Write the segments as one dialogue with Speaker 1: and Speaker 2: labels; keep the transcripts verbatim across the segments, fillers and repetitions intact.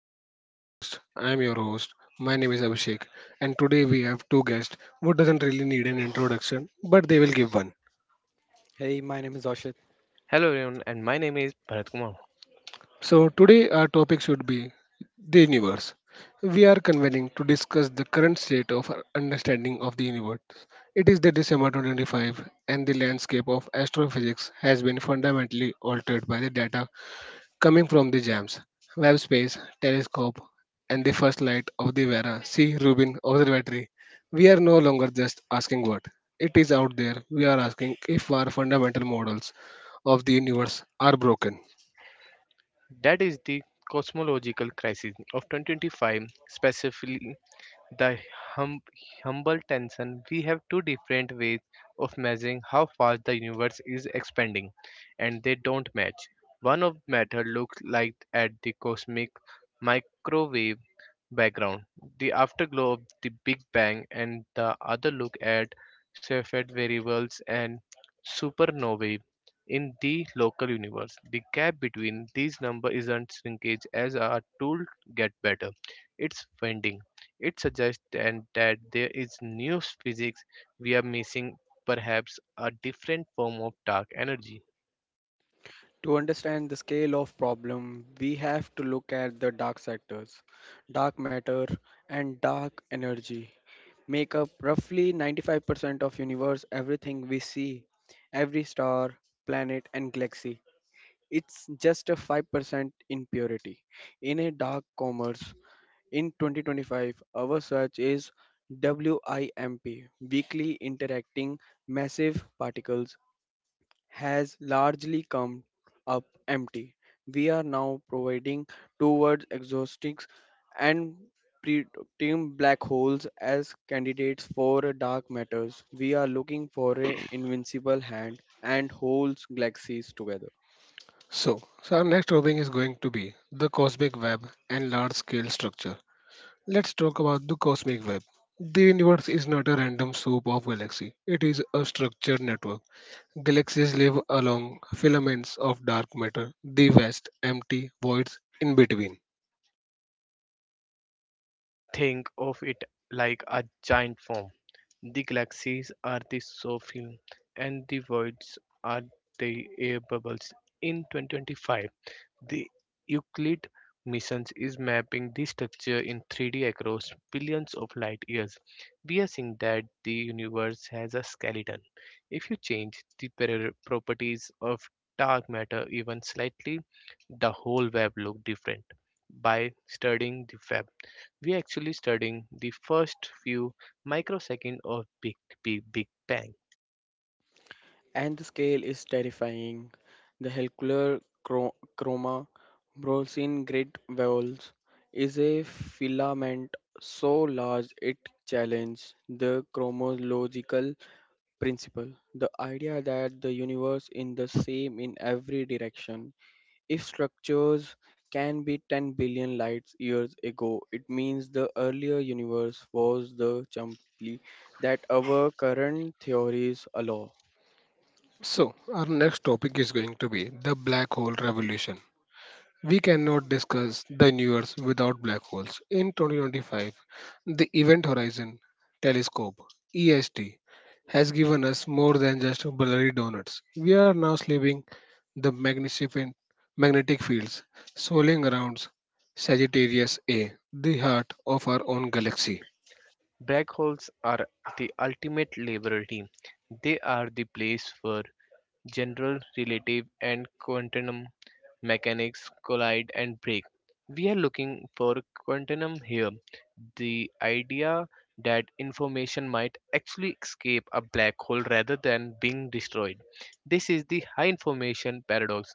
Speaker 1: to our new podcast. I am your host. My name is Abhishek, and today we have two guests who doesn't really need an introduction, but they will give one.
Speaker 2: Hey, my name is Oshit.
Speaker 3: Hello everyone, and my name is Bharat Kumar.
Speaker 1: So today our topic should be the universe. We are convening to discuss the current state of our understanding of the universe. It is the December twenty twenty-five, and the landscape of astrophysics has been fundamentally altered by the data coming from the jams, Webb Space Telescope, and the first light of the Vera C. Rubin Observatory. We are no longer just asking what it is out there. We are asking if our fundamental models of the universe are broken.
Speaker 3: That is the cosmological crisis of twenty twenty-five, specifically the hum- humble tension. We have two different ways of measuring how fast the universe is expanding, and they don't match. One of matter looks like at the cosmic microwave background, the afterglow of the Big Bang, and the other look at Cepheid variables and supernovae in the local universe. The gap between these numbers isn't shrinkage as our tool get better. It's bending. It suggests then that there is new physics we are missing, perhaps a different form of dark energy.
Speaker 2: To understand the scale of problem, we have to look at the dark sectors. Dark matter and dark energy make up roughly ninety-five percent of universe everything we see, every star, planet and galaxy. It's just a five percent impurity. In a dark commerce in twenty twenty-five, our search is WIMP, weakly interacting massive particles has largely come up empty. We are now providing towards exhaustics and preterm black holes as candidates for dark matters. We are looking for an invincible hand and holds galaxies together.
Speaker 1: So, so our next topic is going to be the cosmic web and large scale structure. Let's talk about the cosmic web. The universe is not a random soup of galaxies, it is a structured network. Galaxies live along filaments of dark matter, the vast, empty voids in between.
Speaker 3: Think of it like a giant form. The galaxies are the soul and the voids are the air bubbles. In twenty twenty-five, the Euclid missions is mapping this structure in three D across billions of light years. We are seeing that the universe has a skeleton. If you change the par- properties of dark matter even slightly, the whole web looks different. By studying the web, we are actually studying the first few microseconds of Big, Big, Big Bang.
Speaker 2: And the scale is terrifying. The helcular chro- chroma Brosin Great Walls is a filament so large it challenges the chromological principle, the idea that the universe is the same in every direction. If structures can be ten billion light years ago, it means the earlier universe was the chimpanzee that our current theories allow.
Speaker 1: So, our next topic is going to be the black hole revolution. We cannot discuss the universe without black holes. In twenty twenty-five, the Event Horizon Telescope (E S T) has given us more than just blurry donuts. We are now sleeping the magnificent magnetic fields swirling around Sagittarius A, the heart of our own galaxy.
Speaker 3: Black holes are the ultimate laboratory. They are the place where general relative and quantum mechanics collide and break. We are looking for quantum here, the idea that information might actually escape a black hole rather than being destroyed. This is the high information paradox.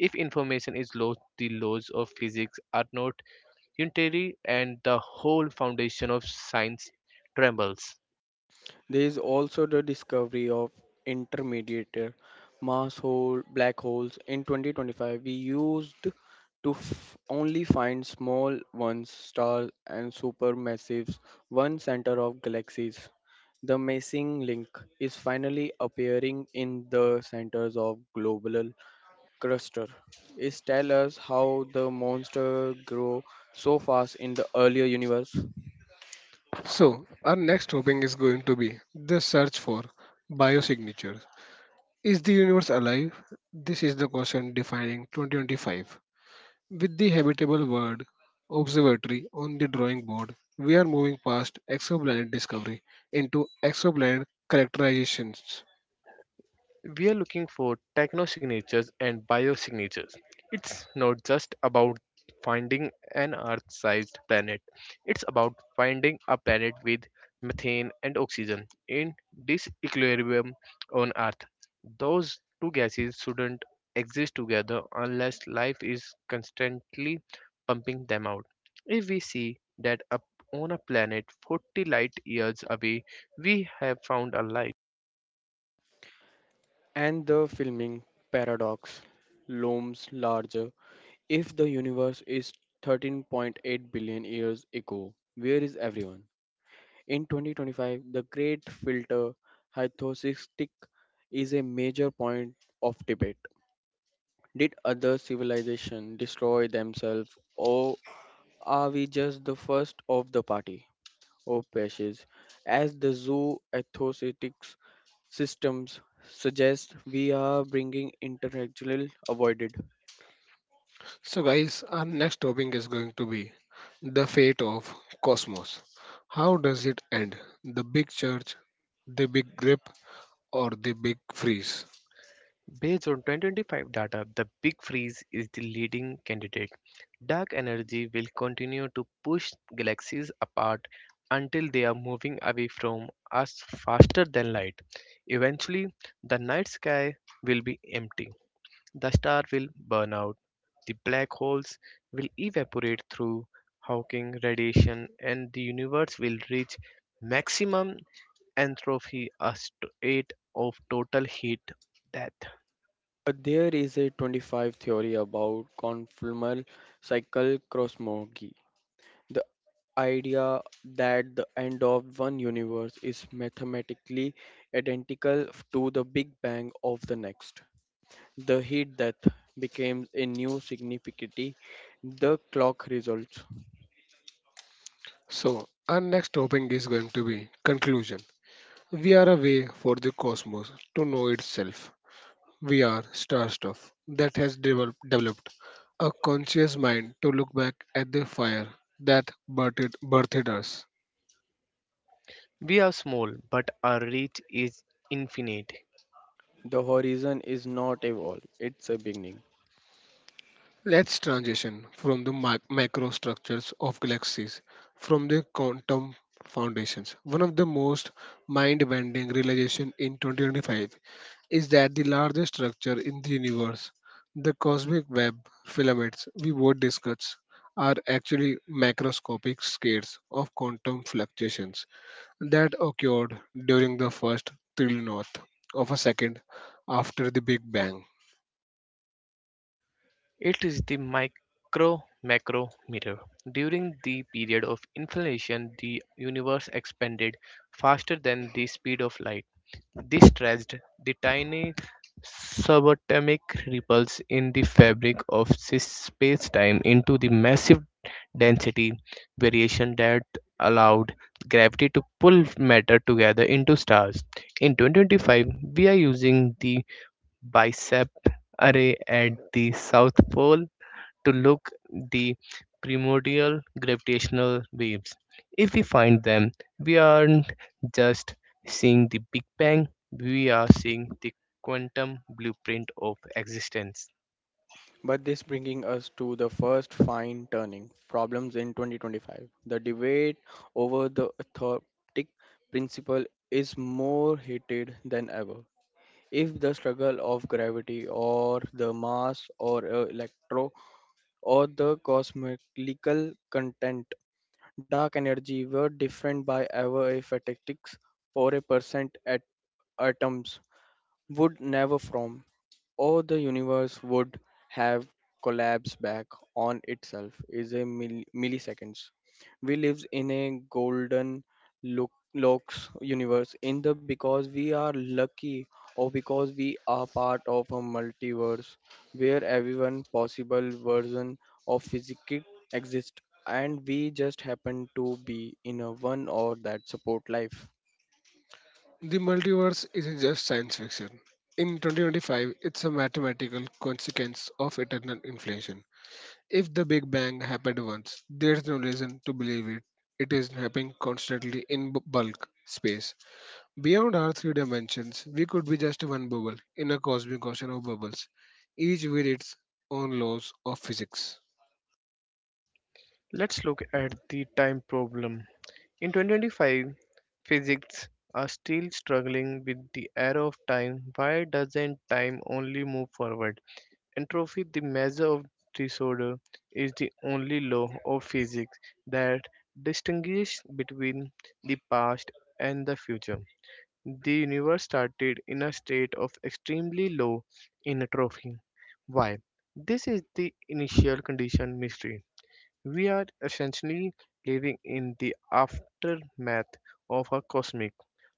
Speaker 3: If information is lost, the laws of physics are not unitary and the whole foundation of science trembles.
Speaker 2: There is also the discovery of intermediate mass hole black holes in twenty twenty-five. We used to f- only find small ones stars and supermassives one center of galaxies. The missing link is finally appearing in the centers of global cluster. It tells us how the monster grow so fast in the earlier universe,
Speaker 1: So, our next topic is going to be the search for biosignatures. Is the universe alive? This is the question defining twenty twenty-five. With the habitable world observatory on the drawing board, we are moving past exoplanet discovery into exoplanet characterizations.
Speaker 3: We are looking for technosignatures and biosignatures. It's not just about finding an Earth sized planet, it's about finding a planet with methane and oxygen in disequilibrium on Earth. Those two gases shouldn't exist together unless life is constantly pumping them out. If we see that up on a planet forty light years away, we have found a life.
Speaker 2: and the filming paradox looms larger. If the universe is thirteen point eight billion years ago, where is everyone? In twenty twenty-five, the great filter hypothesis is a major point of debate. Did other civilizations destroy themselves, or are we just the first of the party? Oh, precious. As the zoo ethosetics systems suggest, we are bringing intellectual avoided.
Speaker 1: So, guys, our next topic is going to be the fate of cosmos. How does it end? The big church, the big grip, or the big freeze?
Speaker 3: Based on twenty twenty-five data, the Big Freeze is the leading candidate. Dark energy will continue to push galaxies apart until they are moving away from us faster than light. Eventually, the night sky will be empty. The star will burn out. The black holes will evaporate through Hawking radiation, and the universe will reach maximum entropy, a state of total heat death.
Speaker 2: But there is a twenty-five theory about conformal cycle cosmology. The idea that the end of one universe is mathematically identical to the big bang of the next. The heat death becomes a new significity. The clock results.
Speaker 1: So, our next topic is going to be conclusion. We are a way for the cosmos to know itself. We are star stuff that has develop- developed a conscious mind to look back at the fire that birthed, birthed us.
Speaker 3: We are small, but our reach is infinite.
Speaker 2: The horizon is not a wall, it's a beginning.
Speaker 1: Let's transition from the mi- macro structures of galaxies from the quantum foundations. One of the most mind-bending realization in twenty twenty-five is that the largest structure in the universe, the cosmic web filaments we would discuss, are actually macroscopic scales of quantum fluctuations that occurred during the first trillionth of a second after the Big Bang.
Speaker 3: It is the micro macro mirror. During the period of inflation, the universe expanded faster than the speed of light. This stretched the tiny subatomic ripples in the fabric of space time into the massive density variation that allowed gravity to pull matter together into stars. In two thousand twenty-five, we are using the bicep array at the South Pole to look the primordial gravitational waves. If we find them, we aren't just seeing the Big Bang, we are seeing the quantum blueprint of existence.
Speaker 2: But this bringing us to the first fine turning problems in twenty twenty-five. The debate over the authentic principle is more heated than ever. If the struggle of gravity or the mass or uh, electro or the cosmical content dark energy were different by ever a fatigues for a percent at atoms would never from, or the universe would have collapsed back on itself is a mil- milliseconds. We live in a golden look locks universe in the because we are lucky, or because we are part of a multiverse where everyone possible version of physics exists and we just happen to be in a one or that support life.
Speaker 1: The multiverse isn't just science fiction. In twenty twenty-five, it's a mathematical consequence of eternal inflation. If the Big Bang happened once, there's no reason to believe it. It is happening constantly in b- bulk space. Beyond our three dimensions, we could be just one bubble in a cosmic ocean of bubbles, each with its own laws of physics.
Speaker 3: Let's look at the time problem. In two thousand twenty-five, physics are still struggling with the arrow of time. Why doesn't time only move forward? Entropy, the measure of disorder, is the only law of physics that distinguishes between the past and the future. The universe started in a state of extremely low entropy. Why? This is the initial condition mystery. We are essentially living in the aftermath of a cosmic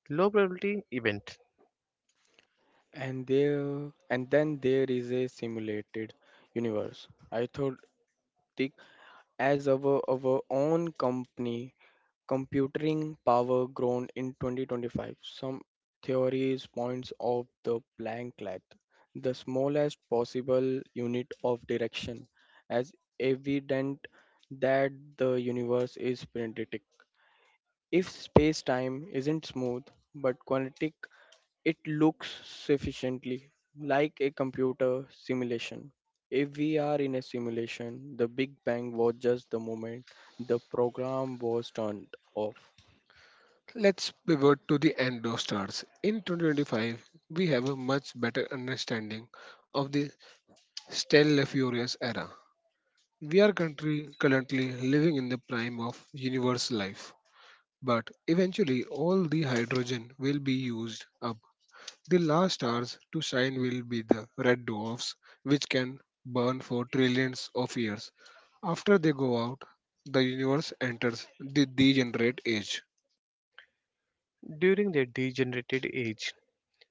Speaker 3: low probability event
Speaker 2: And there, and then there is a simulated universe. I thought think as our our own company, computing power grown in twenty twenty-five. Some theories points of the blanklet, the smallest possible unit of direction, as evident that the universe is printed. If space-time isn't smooth but quantic, it looks sufficiently like a computer simulation. If we are in a simulation, the Big Bang was just the moment the program was turned off.
Speaker 1: Let's pivot to the end of stars. In two thousand twenty-five, we have a much better understanding of the stellar furious era. We are country currently living in the prime of universe life. But eventually, all the hydrogen will be used up. The last stars to shine will be the red dwarfs, which can burn for trillions of years. After they go out, the universe enters the degenerate age.
Speaker 3: during the degenerated age.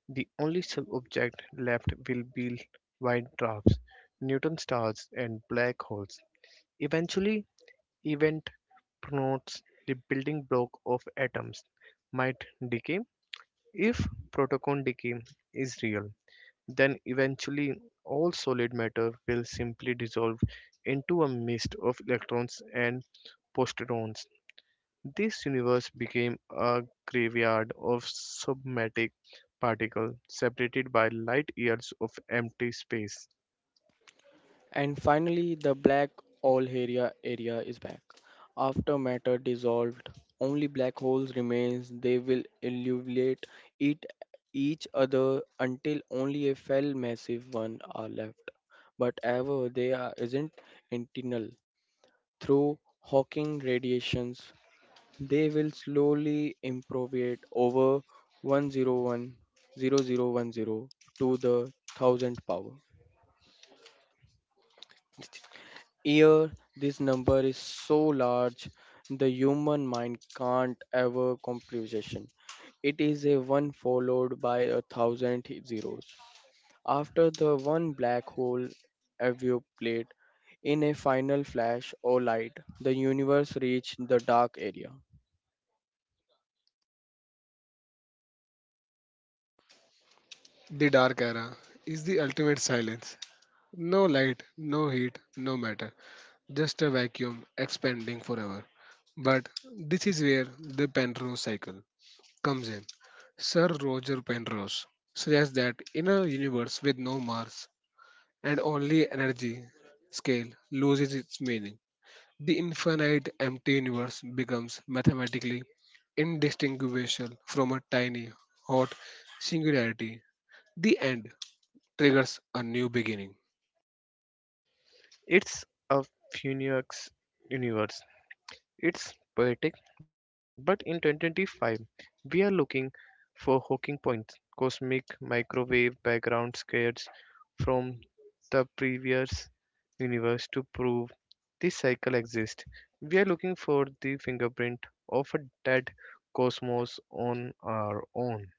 Speaker 3: The only sub-objects left will be white dwarfs, neutron stars, and black holes. Eventually, event promotes the building block of atoms might decay. If proton decay is real, then eventually all solid matter will simply dissolve into a mist of electrons and positrons. This universe became a graveyard of subatomic particles separated by light years of empty space.
Speaker 2: And finally, the black hole area area is back. After matter dissolved, only black holes remains. They will illuminate it each other until only a fell massive one are left. But ever they are isn't internal. Through Hawking radiations, they will slowly improve over one zero one zero zero one zero to the thousandth power. Here, this number is so large the human mind can't ever computation. It is a one followed by a thousand zeros. After the one black hole evaporate in a final flash or light, the universe reached the dark area.
Speaker 1: The dark era is the ultimate silence. No light, no heat, no matter. Just a vacuum expanding forever. But this is where the Penrose cycle comes in. Sir Roger Penrose suggests that in a universe with no Mars and only energy, scale loses its meaning. The infinite empty universe becomes mathematically indistinguishable from a tiny hot singularity. The end triggers a new beginning.
Speaker 3: It's a Phoenix universe. It's poetic, but in two thousand twenty-five, we are looking for Hawking points, cosmic microwave background scares from the previous universe to prove this cycle exists. We are looking for the fingerprint of a dead cosmos on our own,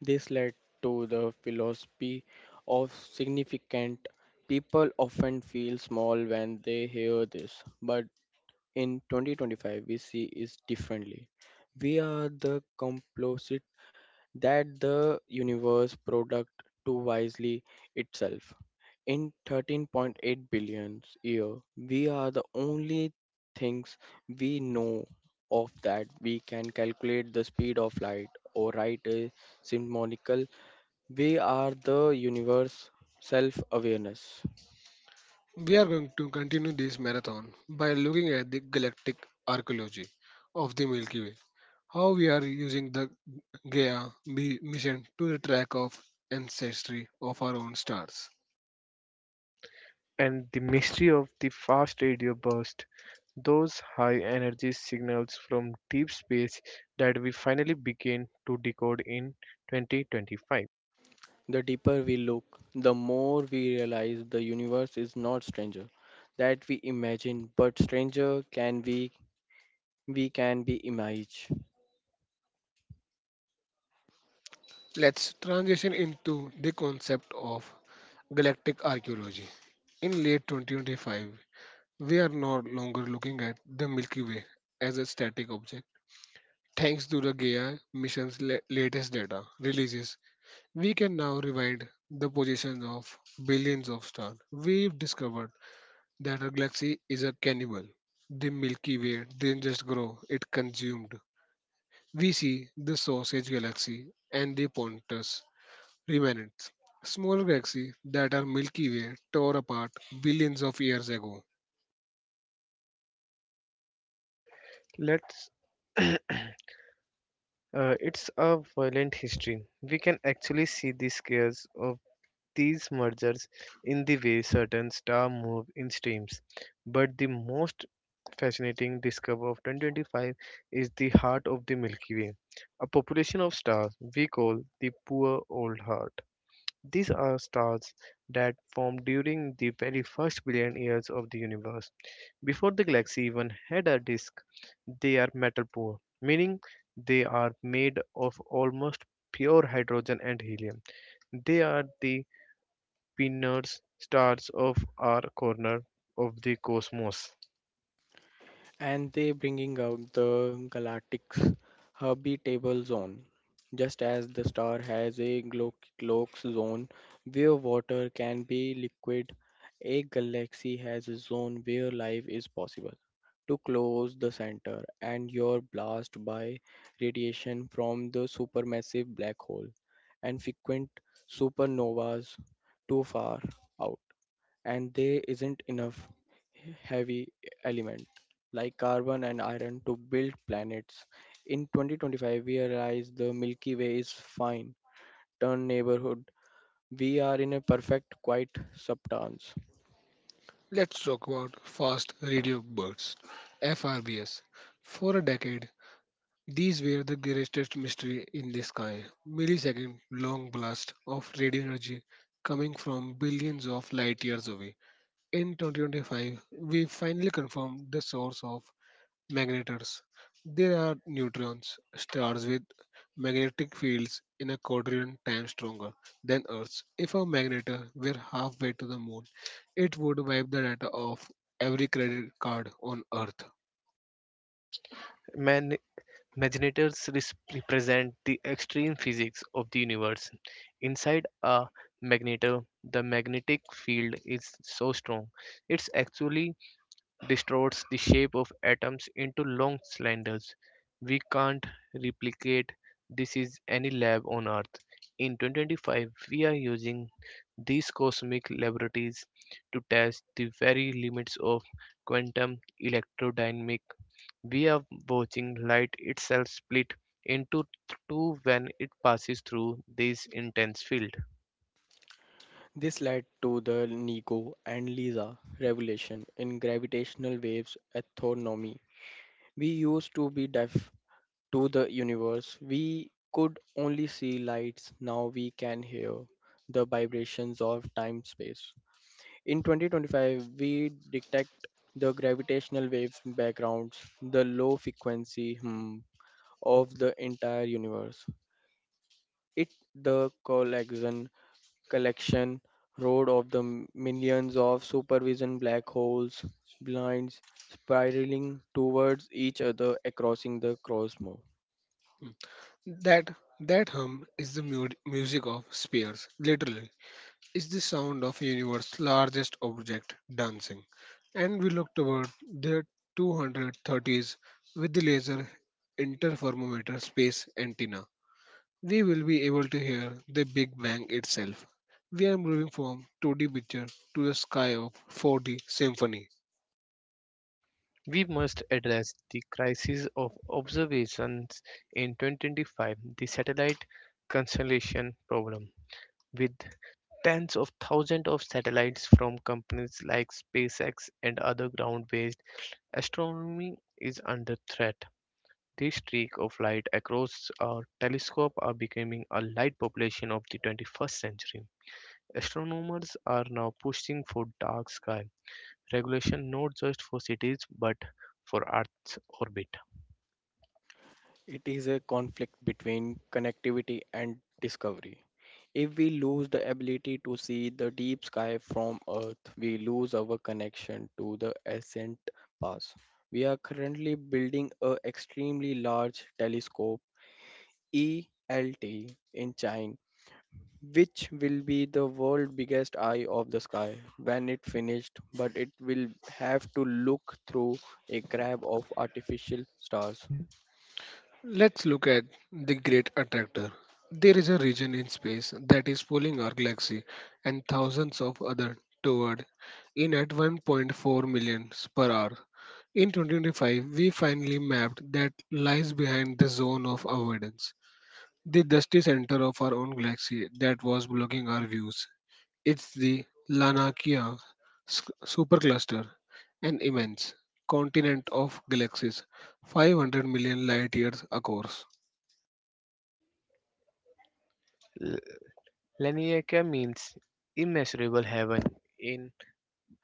Speaker 2: This led to the philosophy of significant. People often feel small when they hear this, but in twenty twenty-five we see it differently. We are the composite that the universe product to wisely itself. In thirteen point eight billion year, we are the only things we know of that we can calculate the speed of light or write a symbolic. We are the universe self awareness.
Speaker 1: We are going to continue this marathon by looking at the galactic archaeology of the Milky Way, how we are using the Gaia mi- mission to track of ancestry of our own stars.
Speaker 3: and the mystery of the fast radio burst, those high energy signals from deep space that we finally begin to decode in twenty twenty-five.
Speaker 2: The deeper we look, the more we realize the universe is not stranger that we imagine, but stranger can we we can be image.
Speaker 1: Let's transition into the concept of galactic archaeology. In late twenty twenty-five, we are no longer looking at the Milky Way as a static object. Thanks to the Gaia mission's la- latest data releases, we can now rewind the positions of billions of stars. We've discovered that our galaxy is a cannibal. The Milky Way didn't just grow, it consumed. We see the sausage galaxy and the Pontus remnants, smaller galaxies that our Milky Way tore apart billions of years ago.
Speaker 3: Let's uh, it's a violent history. We can actually see the scales of these mergers in the way certain stars move in streams. But the most fascinating discovery of twenty twenty-five is the heart of the Milky Way, a population of stars we call the poor old heart. These are stars that formed during the very first billion years of the universe. Before the galaxy even had a disk, they are metal poor, meaning they are made of almost pure hydrogen and helium. They are the pinners stars of our corner of the cosmos.
Speaker 2: And they bringing out the galactic's habitable zone. Just as the star has a glo- Glock's zone where water can be liquid, a galaxy has a zone where life is possible. To close the center, and you're blasted by radiation from the supermassive black hole and frequent supernovas too far out, and there isn't enough heavy element like carbon and iron to build planets. In twenty twenty-five, we realize the Milky Way is fine, turn neighborhood. We are in a perfect, quiet substance.
Speaker 1: Let's talk about fast radio bursts, F R B s. For a decade, these were the greatest mystery in the sky. Millisecond long blast of radio energy coming from billions of light years away. In twenty twenty-five, we finally confirmed the source of magnetars. There are neutrons, stars with magnetic fields in a quadrillion times stronger than Earth's. If a magnetar were halfway to the moon, it would wipe the data off every credit card on Earth.
Speaker 3: Man Magnetars res- represent the extreme physics of the universe. Inside a magnetar, the magnetic field is so strong it actually distorts the shape of atoms into long cylinders. We can't replicate this is any lab on Earth. In two thousand twenty-five, we are using these cosmic laboratories to test the very limits of quantum electrodynamic. We are watching light itself split into two when it passes through this intense field.
Speaker 2: This led to the Nico and Lisa revelation in gravitational waves astronomy. We used to be deaf to the universe. We could only see lights. Now we can hear the vibrations of time space. In twenty twenty-five, we detect the gravitational waves backgrounds, the low frequency hum of the entire universe. It the collection collection, road of the m- millions of supervision black holes, blinds spiraling towards each other across the cosmos.
Speaker 1: That that hum is the mu- music of spheres, literally. It's the sound of universe's largest object dancing. And we look toward the two hundred thirties with the laser interferometer space antenna. We will be able to hear the Big Bang itself. We are moving from two D picture to a sky of four D symphony.
Speaker 3: We must address the crisis of observations in twenty twenty-five, the satellite constellation problem. With tens of thousands of satellites from companies like SpaceX and other ground based, astronomy is under threat. These streak of light across our telescope are becoming a light population of the twenty-first century. Astronomers are now pushing for dark sky regulation not just for cities but for Earth's orbit.
Speaker 2: It is a conflict between connectivity and discovery. If we lose the ability to see the deep sky from Earth, we lose our connection to the ascent pass. We are currently building a extremely large telescope E L T in China which will be the world's biggest eye of the sky when it finished, but it will have to look through a crab of artificial stars.
Speaker 1: Let's look at the Great Attractor. There is a region in space that is pulling our galaxy and thousands of other toward in at one point four million per hour. In twenty twenty-five, we finally mapped that lies behind the zone of avoidance, the dusty center of our own galaxy that was blocking our views. It's the Lanakia s- supercluster, an immense continent of galaxies five hundred million light years across.
Speaker 3: L- Laniakea means immeasurable heaven in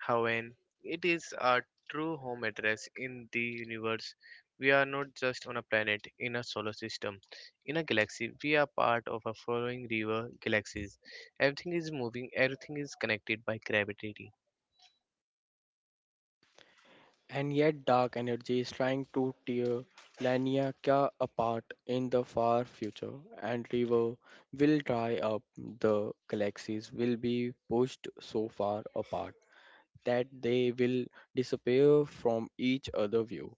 Speaker 3: Haven. It is our true home address in the universe. We are not just on a planet in a solar system. In a galaxy, we are part of a following river galaxies. Everything is moving, everything is connected by gravity.
Speaker 2: And yet dark energy is trying to tear Laniakea apart in the far future, and river will dry up. The galaxies will be pushed so far apart that they will disappear from each other view.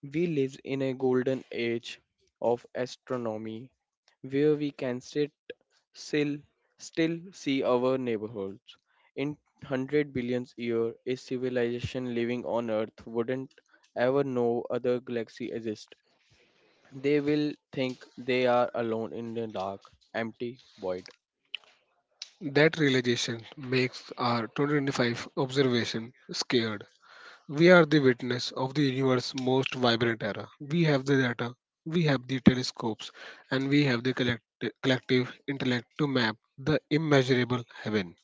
Speaker 2: We live in a golden age of astronomy where we can sit still, still see our neighborhoods. In one hundred billion years, a civilization living on Earth wouldn't ever know other galaxies exist. They will think they are alone in the dark, empty void.
Speaker 1: That realization makes our twenty twenty-five observation scared. We are the witness of the universe's most vibrant era. We have the data, we have the telescopes, and we have the collect- collective intellect to map the immeasurable heaven.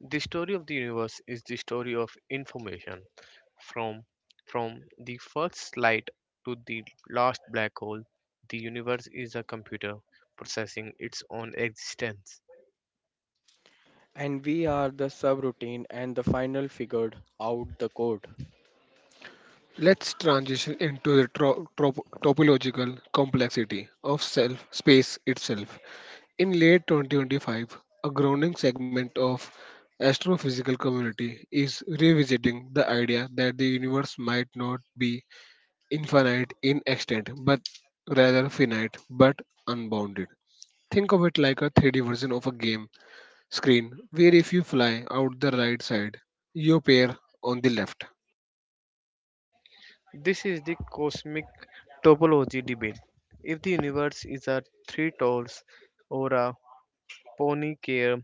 Speaker 3: The story of the universe is the story of information from from the first light to the last black hole. The universe is a computer processing its own existence.
Speaker 2: And we are the subroutine and the final figured out the code.
Speaker 1: Let's transition into the tro- trop- topological complexity of self space itself. In late twenty twenty-five, a growing segment of astrophysical community is revisiting the idea that the universe might not be infinite in extent but rather finite but unbounded. Think of it like a three D version of a game screen where if you fly out the right side, you appear on the left.
Speaker 3: This is the cosmic topology debate. If the universe is a three tolls or a ponycare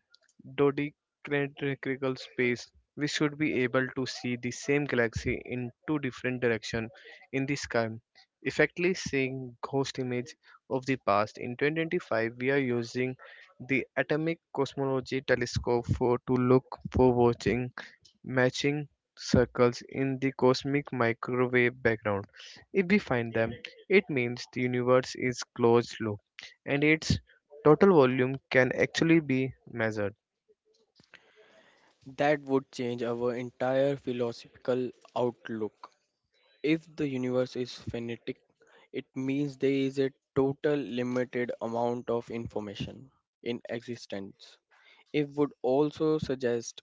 Speaker 3: dodecahedral space, we should be able to see the same galaxy in two different directions in the sky, effectively seeing ghost image of the past. In two thousand twenty-five, we are using the Atomic Cosmology Telescope for to look for watching matching circles in the cosmic microwave background. If we find them, it means the universe is closed loop and its total volume can actually be measured.
Speaker 2: That would change our entire philosophical outlook. If the universe is finite, it means there is a total limited amount of information in existence. It would also suggest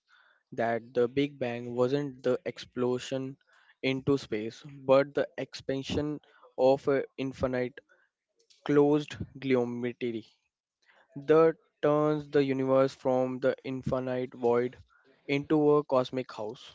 Speaker 2: that the Big Bang wasn't the explosion into space, but the expansion of an infinite closed geometry that turns the universe from the infinite void into a cosmic house.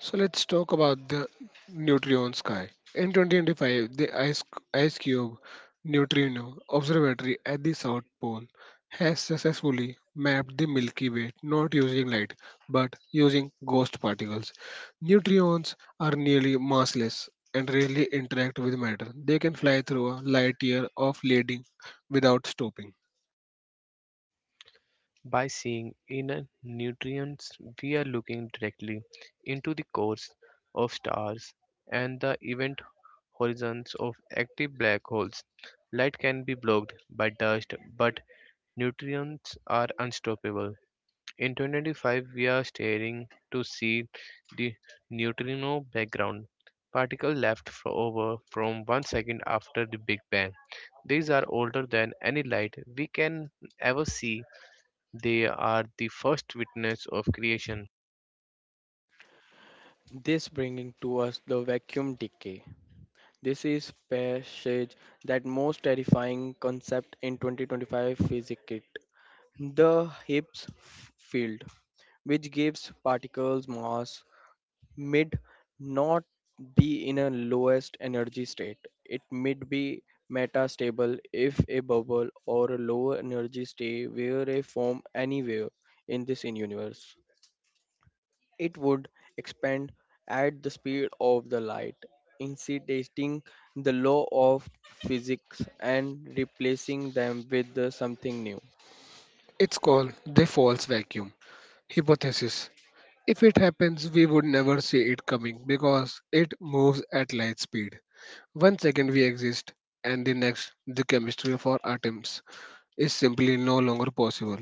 Speaker 1: So let's talk about the Neutrion sky. In twenty twenty-five, the Ice, Ice Cube Neutrino Observatory at the South Pole has successfully mapped the Milky Way not using light but using ghost particles. Neutrons are nearly massless and rarely interact with matter. They can fly through a light year of leading without stopping.
Speaker 3: By seeing inner neutrons, we are looking directly into the cores of stars and the event horizons of active black holes. Light can be blocked by dust, but neutrons are unstoppable. In twenty twenty-five, we are staring to see the neutrino background, particle left fro- over from one second after the Big Bang. These are older than any light we can ever see. They are the first witness of creation.
Speaker 2: This bringing to us the vacuum decay. This is passage that most terrifying concept in twenty twenty-five physics kit. The Higgs f- field, which gives particles mass, mid not be in a lowest energy state. It mid be metastable if a bubble or a lower energy state were a form anywhere in this universe. It would expand at the speed of the light, incidentating the law of physics and replacing them with the something new.
Speaker 1: It's called the false vacuum hypothesis. If it happens, we would never see it coming because it moves at light speed. One second we exist, and the next, the chemistry of our atoms is simply no longer possible.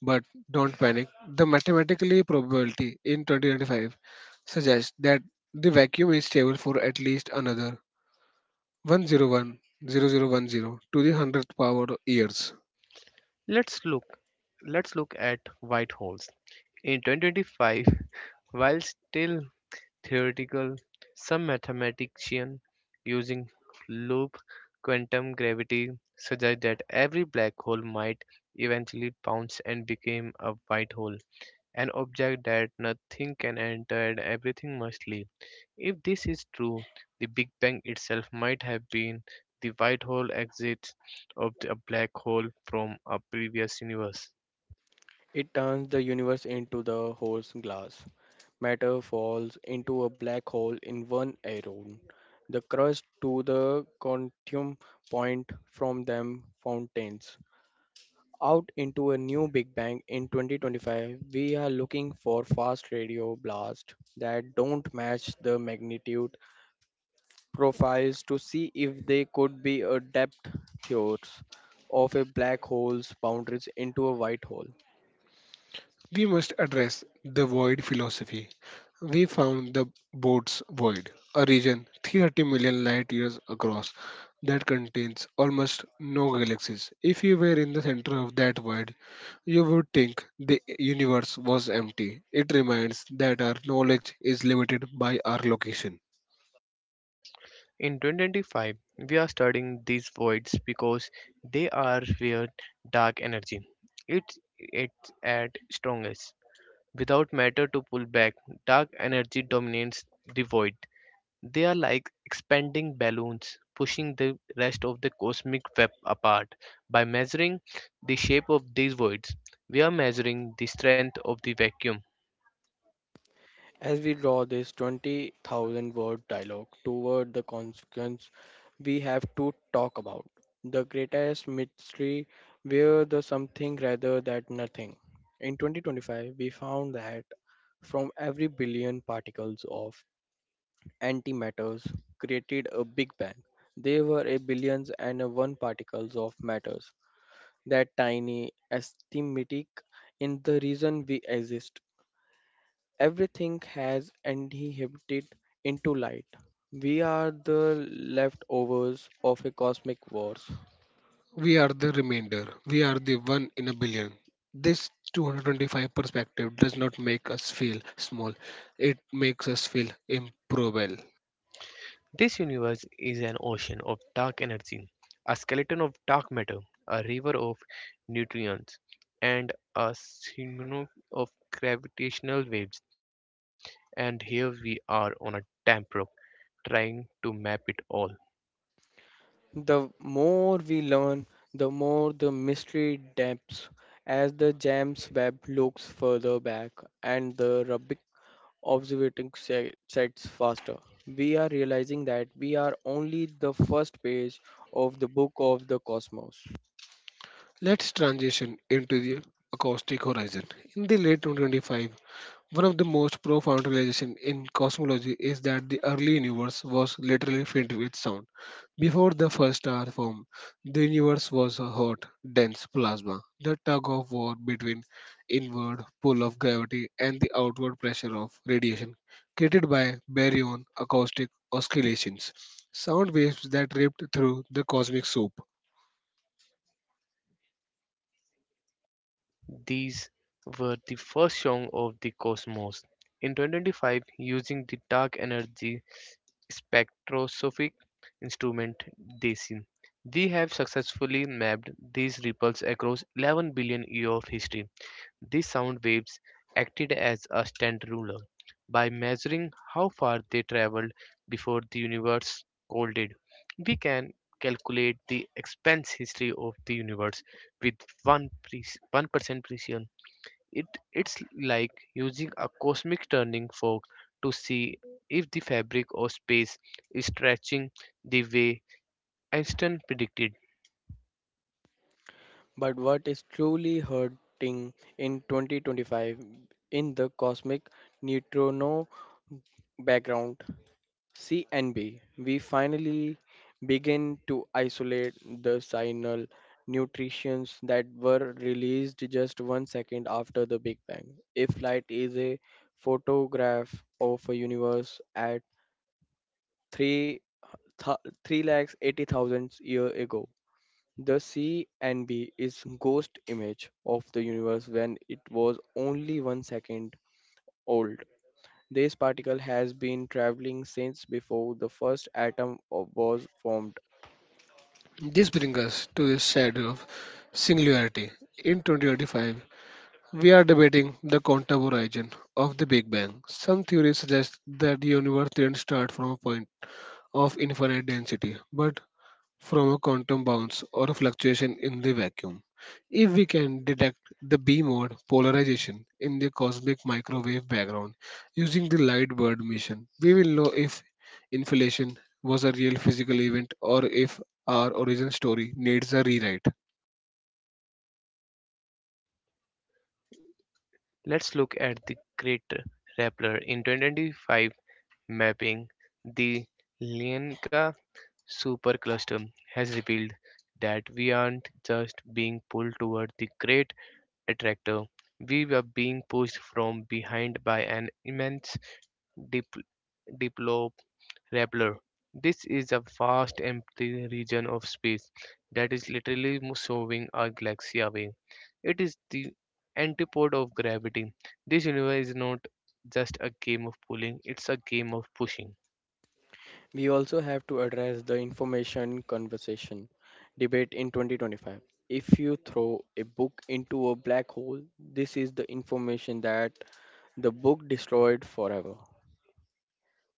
Speaker 1: But don't panic, the mathematically probability in twenty twenty-five suggests that the vacuum is stable for at least another one hundred one to the hundredth power years.
Speaker 3: Let's look. Let's look at white holes. In two thousand twenty-five, while still theoretical, some mathematicians using loop quantum gravity suggest that every black hole might eventually bounce and become a white hole, an object that nothing can enter and everything must leave. If this is true, the Big Bang itself might have been the white hole exit of the- a black hole from a previous universe.
Speaker 2: It turns the universe into the whole glass. Matter falls into a black hole in one aeon. The crust to the quantum point from them fountains out into a new big bang. In twenty twenty-five, we are looking for fast radio blasts that don't match the magnitude profiles to see if they could be a depth theories of a black hole's boundaries into a white hole.
Speaker 1: We must address the void philosophy. We found the boat's void, a region thirty million light years across that contains almost no galaxies. If you were in the center of that void, you would think the universe was empty. It reminds that our knowledge is limited by our location.
Speaker 3: In twenty twenty-five, we are studying these voids because they are where dark energy it's it's at strongest. Without matter to pull back, dark energy dominates the void. They are like expanding balloons, pushing the rest of the cosmic web apart. By measuring the shape of these voids, we are measuring the strength of the vacuum.
Speaker 2: As we draw this twenty thousand word dialogue toward the consequence, we have to talk about the greatest mystery where the something rather than nothing. In twenty twenty-five, we found that from every billion particles of antimatters created a Big Bang, there were a billions and a one particles of matters. That tiny, estimatic in the reason we exist. Everything has inhibited into light. We are the leftovers of a cosmic wars.
Speaker 1: We are the remainder. We are the one in a billion. This two hundred twenty-five perspective does not make us feel small. It makes us feel improbable.
Speaker 3: This universe is an ocean of dark energy, a skeleton of dark matter, a river of neutrons, and a tsunami of gravitational waves. And here we are on a damp rock trying to map it all.
Speaker 2: The more we learn, the more the mystery depths as the James Webb looks further back and the Rubik observing se- sets faster. We are realizing that we are only the first page of the book of the cosmos.
Speaker 1: Let's transition into the acoustic horizon. In the late twenty twenty-five, one of the most profound realizations in cosmology is that the early universe was literally filled with sound. Before the first star formed, the universe was a hot, dense plasma. The tug of war between inward pull of gravity and the outward pressure of radiation created by baryon acoustic oscillations, sound waves that ripped through the cosmic soup.
Speaker 3: These were the first song of the cosmos. In two thousand twenty-five, using the dark energy spectroscopic instrument DESI, we have successfully mapped these ripples across eleven billion years of history. These sound waves acted as a stand ruler by measuring how far they traveled before the universe colded. We can calculate the expanse history of the universe with one pre- one percent precision. It, it's like using a cosmic turning fork to see if the fabric of space is stretching the way Einstein predicted.
Speaker 2: But what is truly hurting in twenty twenty-five in the cosmic neutrino background C N B, we finally begin to isolate the signal nutrients that were released just one second after the Big Bang. If light is a photograph of a universe at three th- three lakh eighty thousand years ago, the C and B is ghost image of the universe when it was only one second old. This particle has been traveling since before the first atom of- was formed.
Speaker 1: This brings us to the shadow of singularity. In twenty twenty-five, we are debating the quantum origin of the Big Bang. Some theories suggest that the universe didn't start from a point of infinite density, but from a quantum bounce or a fluctuation in the vacuum. If we can detect the B mode polarization in the cosmic microwave background using the Lightbird mission, we will know if inflation was a real physical event or if our origin story needs a rewrite.
Speaker 3: Let's look at the Great Rappler in twenty twenty-five mapping, the Lyenka supercluster has revealed that we aren't just being pulled toward the great attractor, we were being pushed from behind by an immense dip- diplo rappler. This is a vast empty region of space that is literally shoving our galaxy away. It is the antipode of gravity. This universe is not just a game of pulling, it's a game of pushing.
Speaker 2: We also have to address the information conversation debate in twenty twenty-five. If you throw a book into a black hole, this is the information that the book destroyed forever.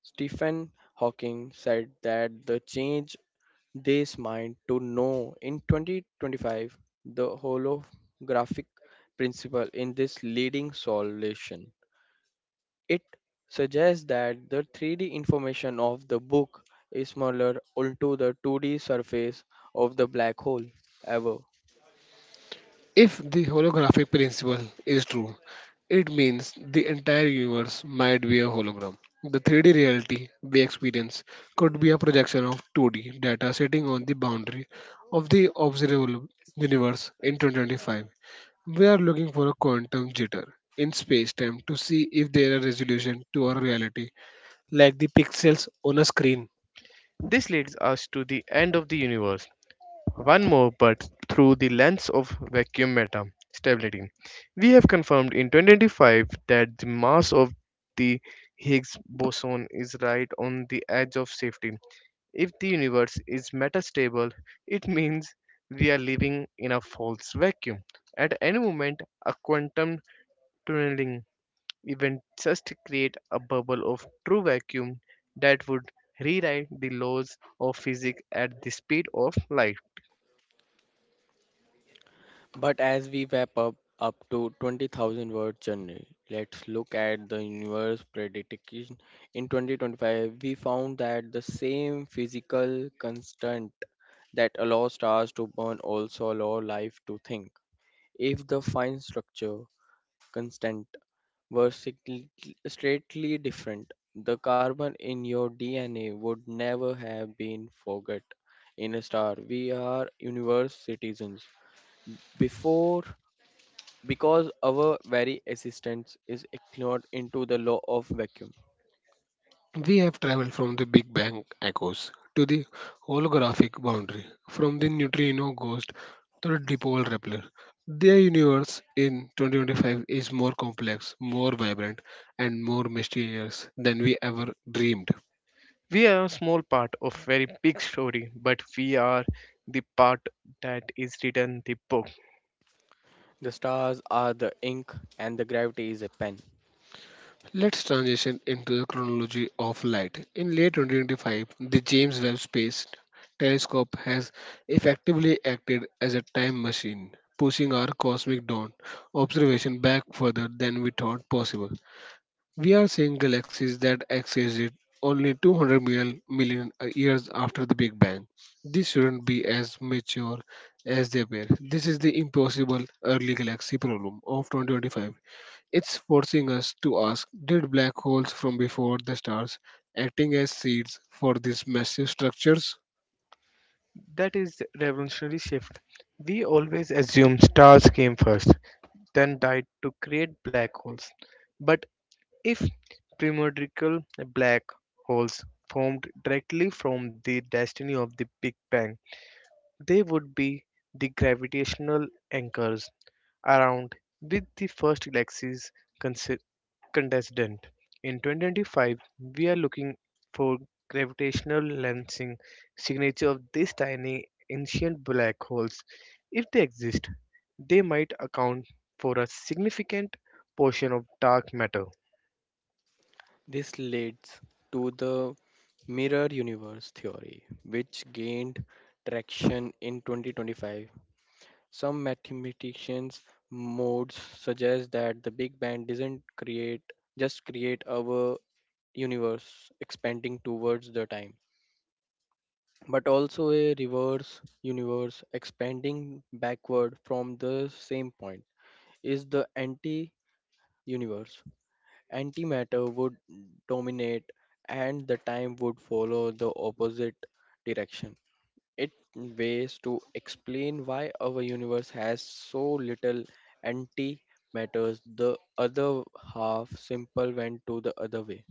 Speaker 2: Stephen Hawking said that the change this mind to know in twenty twenty-five the holographic principle in this leading solution it suggests that the three D information of the book is smaller onto the two D surface of the black hole ever.
Speaker 1: If the holographic principle is true, it means the entire universe might be a hologram. The three D reality we experience could be a projection of two D data sitting on the boundary of the observable universe in twenty twenty-five. We are looking for a quantum jitter in space time to see if there is resolution to our reality, like the pixels on a screen.
Speaker 3: This leads us to the end of the universe, one more but through the lens of vacuum matter stability. We have confirmed in twenty twenty-five that the mass of the Higgs boson is right on the edge of safety. If the universe is metastable, it means we are living in a false vacuum. At any moment, a quantum tunneling even just create a bubble of true vacuum that would rewrite the laws of physics at the speed of light.
Speaker 2: But as we wrap up up to twenty thousand word journey, let's look at the universe prediction. In twenty twenty-five, we found that the same physical constant that allows stars to burn also allow life to think. If the fine structure constant were signi- straightly different, the carbon in your D N A would never have been forgot in a star. We are universe citizens. Before because our very existence is ignored into the law of vacuum.
Speaker 1: We have traveled from the Big Bang echoes to the holographic boundary, from the neutrino ghost to the dipole Rappler. The universe in twenty twenty-five is more complex, more vibrant, and more mysterious than we ever dreamed.
Speaker 3: We are a small part of very big story, but we are the part that is written the book.
Speaker 2: The stars are the ink and the gravity is a pen.
Speaker 1: Let's transition into the chronology of light. In late twenty twenty-five, the James Webb Space Telescope has effectively acted as a time machine, pushing our cosmic dawn observation back further than we thought possible. We are seeing galaxies that existed only two hundred million, million years after the Big Bang. These shouldn't be as mature as they were. This is the impossible early galaxy problem of two thousand twenty-five. It's forcing us to ask, did black holes from before the stars acting as seeds for these massive structures?
Speaker 3: That is the revolutionary shift. We always assume stars came first, then died to create black holes. But if primordial black holes formed directly from the destiny of the Big Bang, they would be the gravitational anchors around with the first galaxy's consi- contestant. In twenty twenty-five, we are looking for gravitational lensing signature of these tiny ancient black holes. If they exist, they might account for a significant portion of dark matter.
Speaker 2: This leads to the mirror universe theory, which gained traction in twenty twenty-five. Some mathematicians modes suggest that the Big Bang doesn't create just create our universe expanding towards the time, but also a reverse universe expanding backward from the same point is the anti universe. Antimatter would dominate and the time would follow the opposite direction. It ways to explain why our universe has so little anti, the other half simple went to the other way.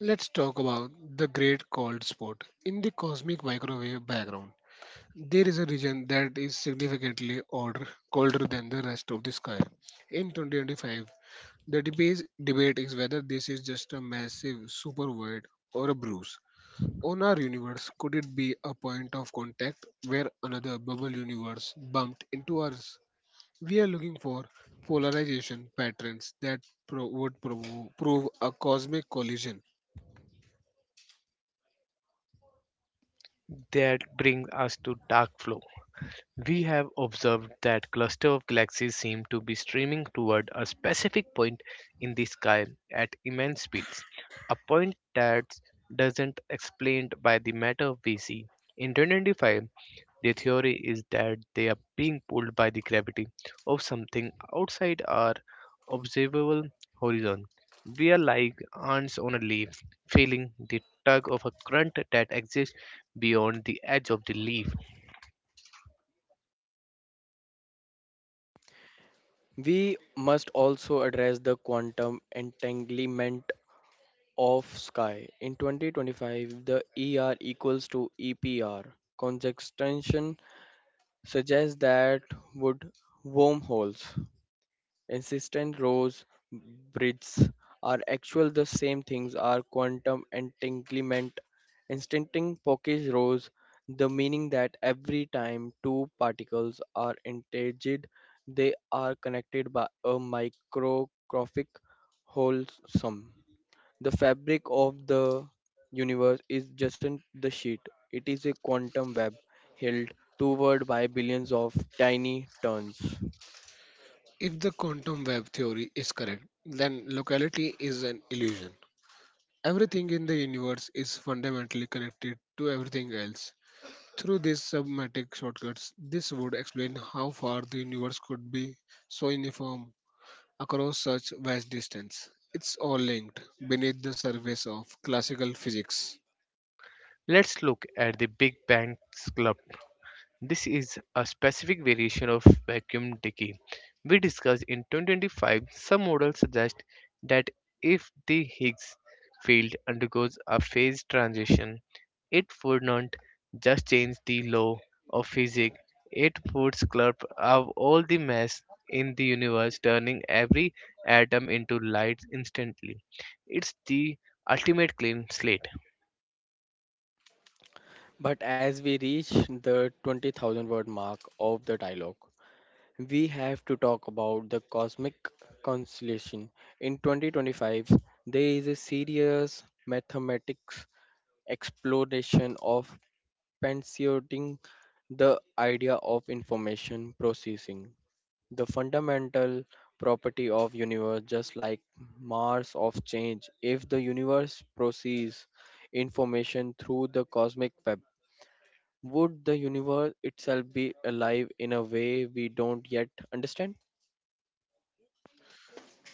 Speaker 1: Let's talk about the great cold spot. In the cosmic microwave background, there is a region that is significantly older, colder than the rest of the sky. In two thousand twenty-five, the debate, debate is whether this is just a massive super void or a bruise. On our universe, could it be a point of contact where another bubble universe bumped into ours? We are looking for polarization patterns that pro- would provo- prove a cosmic collision.
Speaker 3: That brings us to dark flow. We have observed that cluster of galaxies seem to be streaming toward a specific point in the sky at immense speeds, a point that doesn't explained by the matter we see. In twenty twenty-five, their theory is that they are being pulled by the gravity of something outside our observable horizon. We are like ants on a leaf, feeling the tug of a current that exists beyond the edge of the leaf.
Speaker 2: We must also address the quantum entanglement of sky. In twenty twenty-five, the E R equals to E P R. Conjunction suggests that would wormholes, insistent rows, bridges are actual the same things are quantum entanglement. Instanting Pocke's rows, the meaning that every time two particles are entangled, they are connected by a microscopic wholesome. The fabric of the universe is just an- the sheet, it is a quantum web held toward by billions of tiny turns.
Speaker 1: If the quantum web theory is correct, then locality is an illusion. Everything in the universe is fundamentally connected to everything else. Through these submatic shortcuts, this would explain how far the universe could be so uniform across such vast distance. It's all linked beneath the surface of classical physics.
Speaker 3: Let's look at the Big Bang Club. This is a specific variation of vacuum decay. We discussed in twenty twenty-five. Some models suggest that if the Higgs field undergoes a phase transition it would not just change the law of physics, it would sculpt out all the mass in the universe, turning every atom into light instantly. It's the ultimate clean slate.
Speaker 2: But as we reach the twenty thousand word mark of the dialogue, we have to talk about the cosmic constellation. In twenty twenty-five, there is a serious mathematics exploration of pantseoting, the idea of information processing. The fundamental property of universe just like Mars of change. If the universe proceeds information through the cosmic web, would the universe itself be alive in a way we don't yet understand?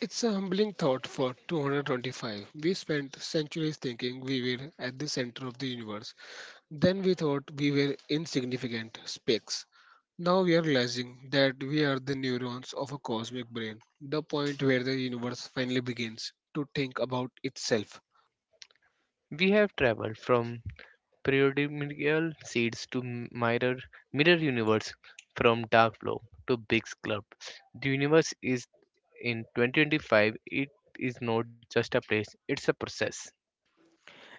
Speaker 1: It's a humbling thought for two hundred twenty-five. We spent centuries thinking we were at the center of the universe. Then we thought we were insignificant specks. Now we are realizing that we are the neurons of a cosmic brain, the point where the universe finally begins to think about itself.
Speaker 3: We have traveled from primordial seeds to mirror mirror universe, from dark flow to big Club. The universe is in twenty twenty-five. It is not just a place; it's a process.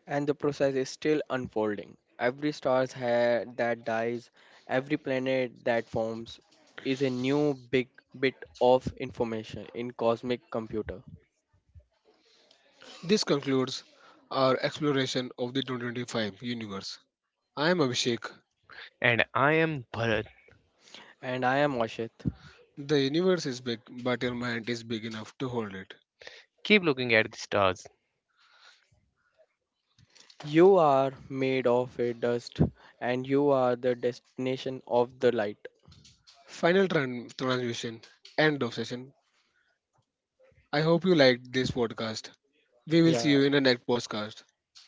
Speaker 2: And the process is still unfolding. Every star ha- that dies, every planet that forms is a new big bit of information in cosmic computer.
Speaker 1: This concludes our exploration of the two twenty-five universe. I am Abhishek.
Speaker 3: And I am Bharat.
Speaker 2: And I am Ashit.
Speaker 1: The universe is big, but your mind is big enough to hold it.
Speaker 3: Keep looking at the stars.
Speaker 2: You are made of a dust and you are the destination of the light.
Speaker 1: Final tran- transmission, end of session. I hope you liked this podcast. We will see
Speaker 2: Yeah.
Speaker 1: you in the next podcast.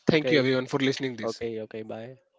Speaker 1: Thank you
Speaker 2: Okay.
Speaker 1: everyone for listening this.
Speaker 2: Okay. Okay. Bye.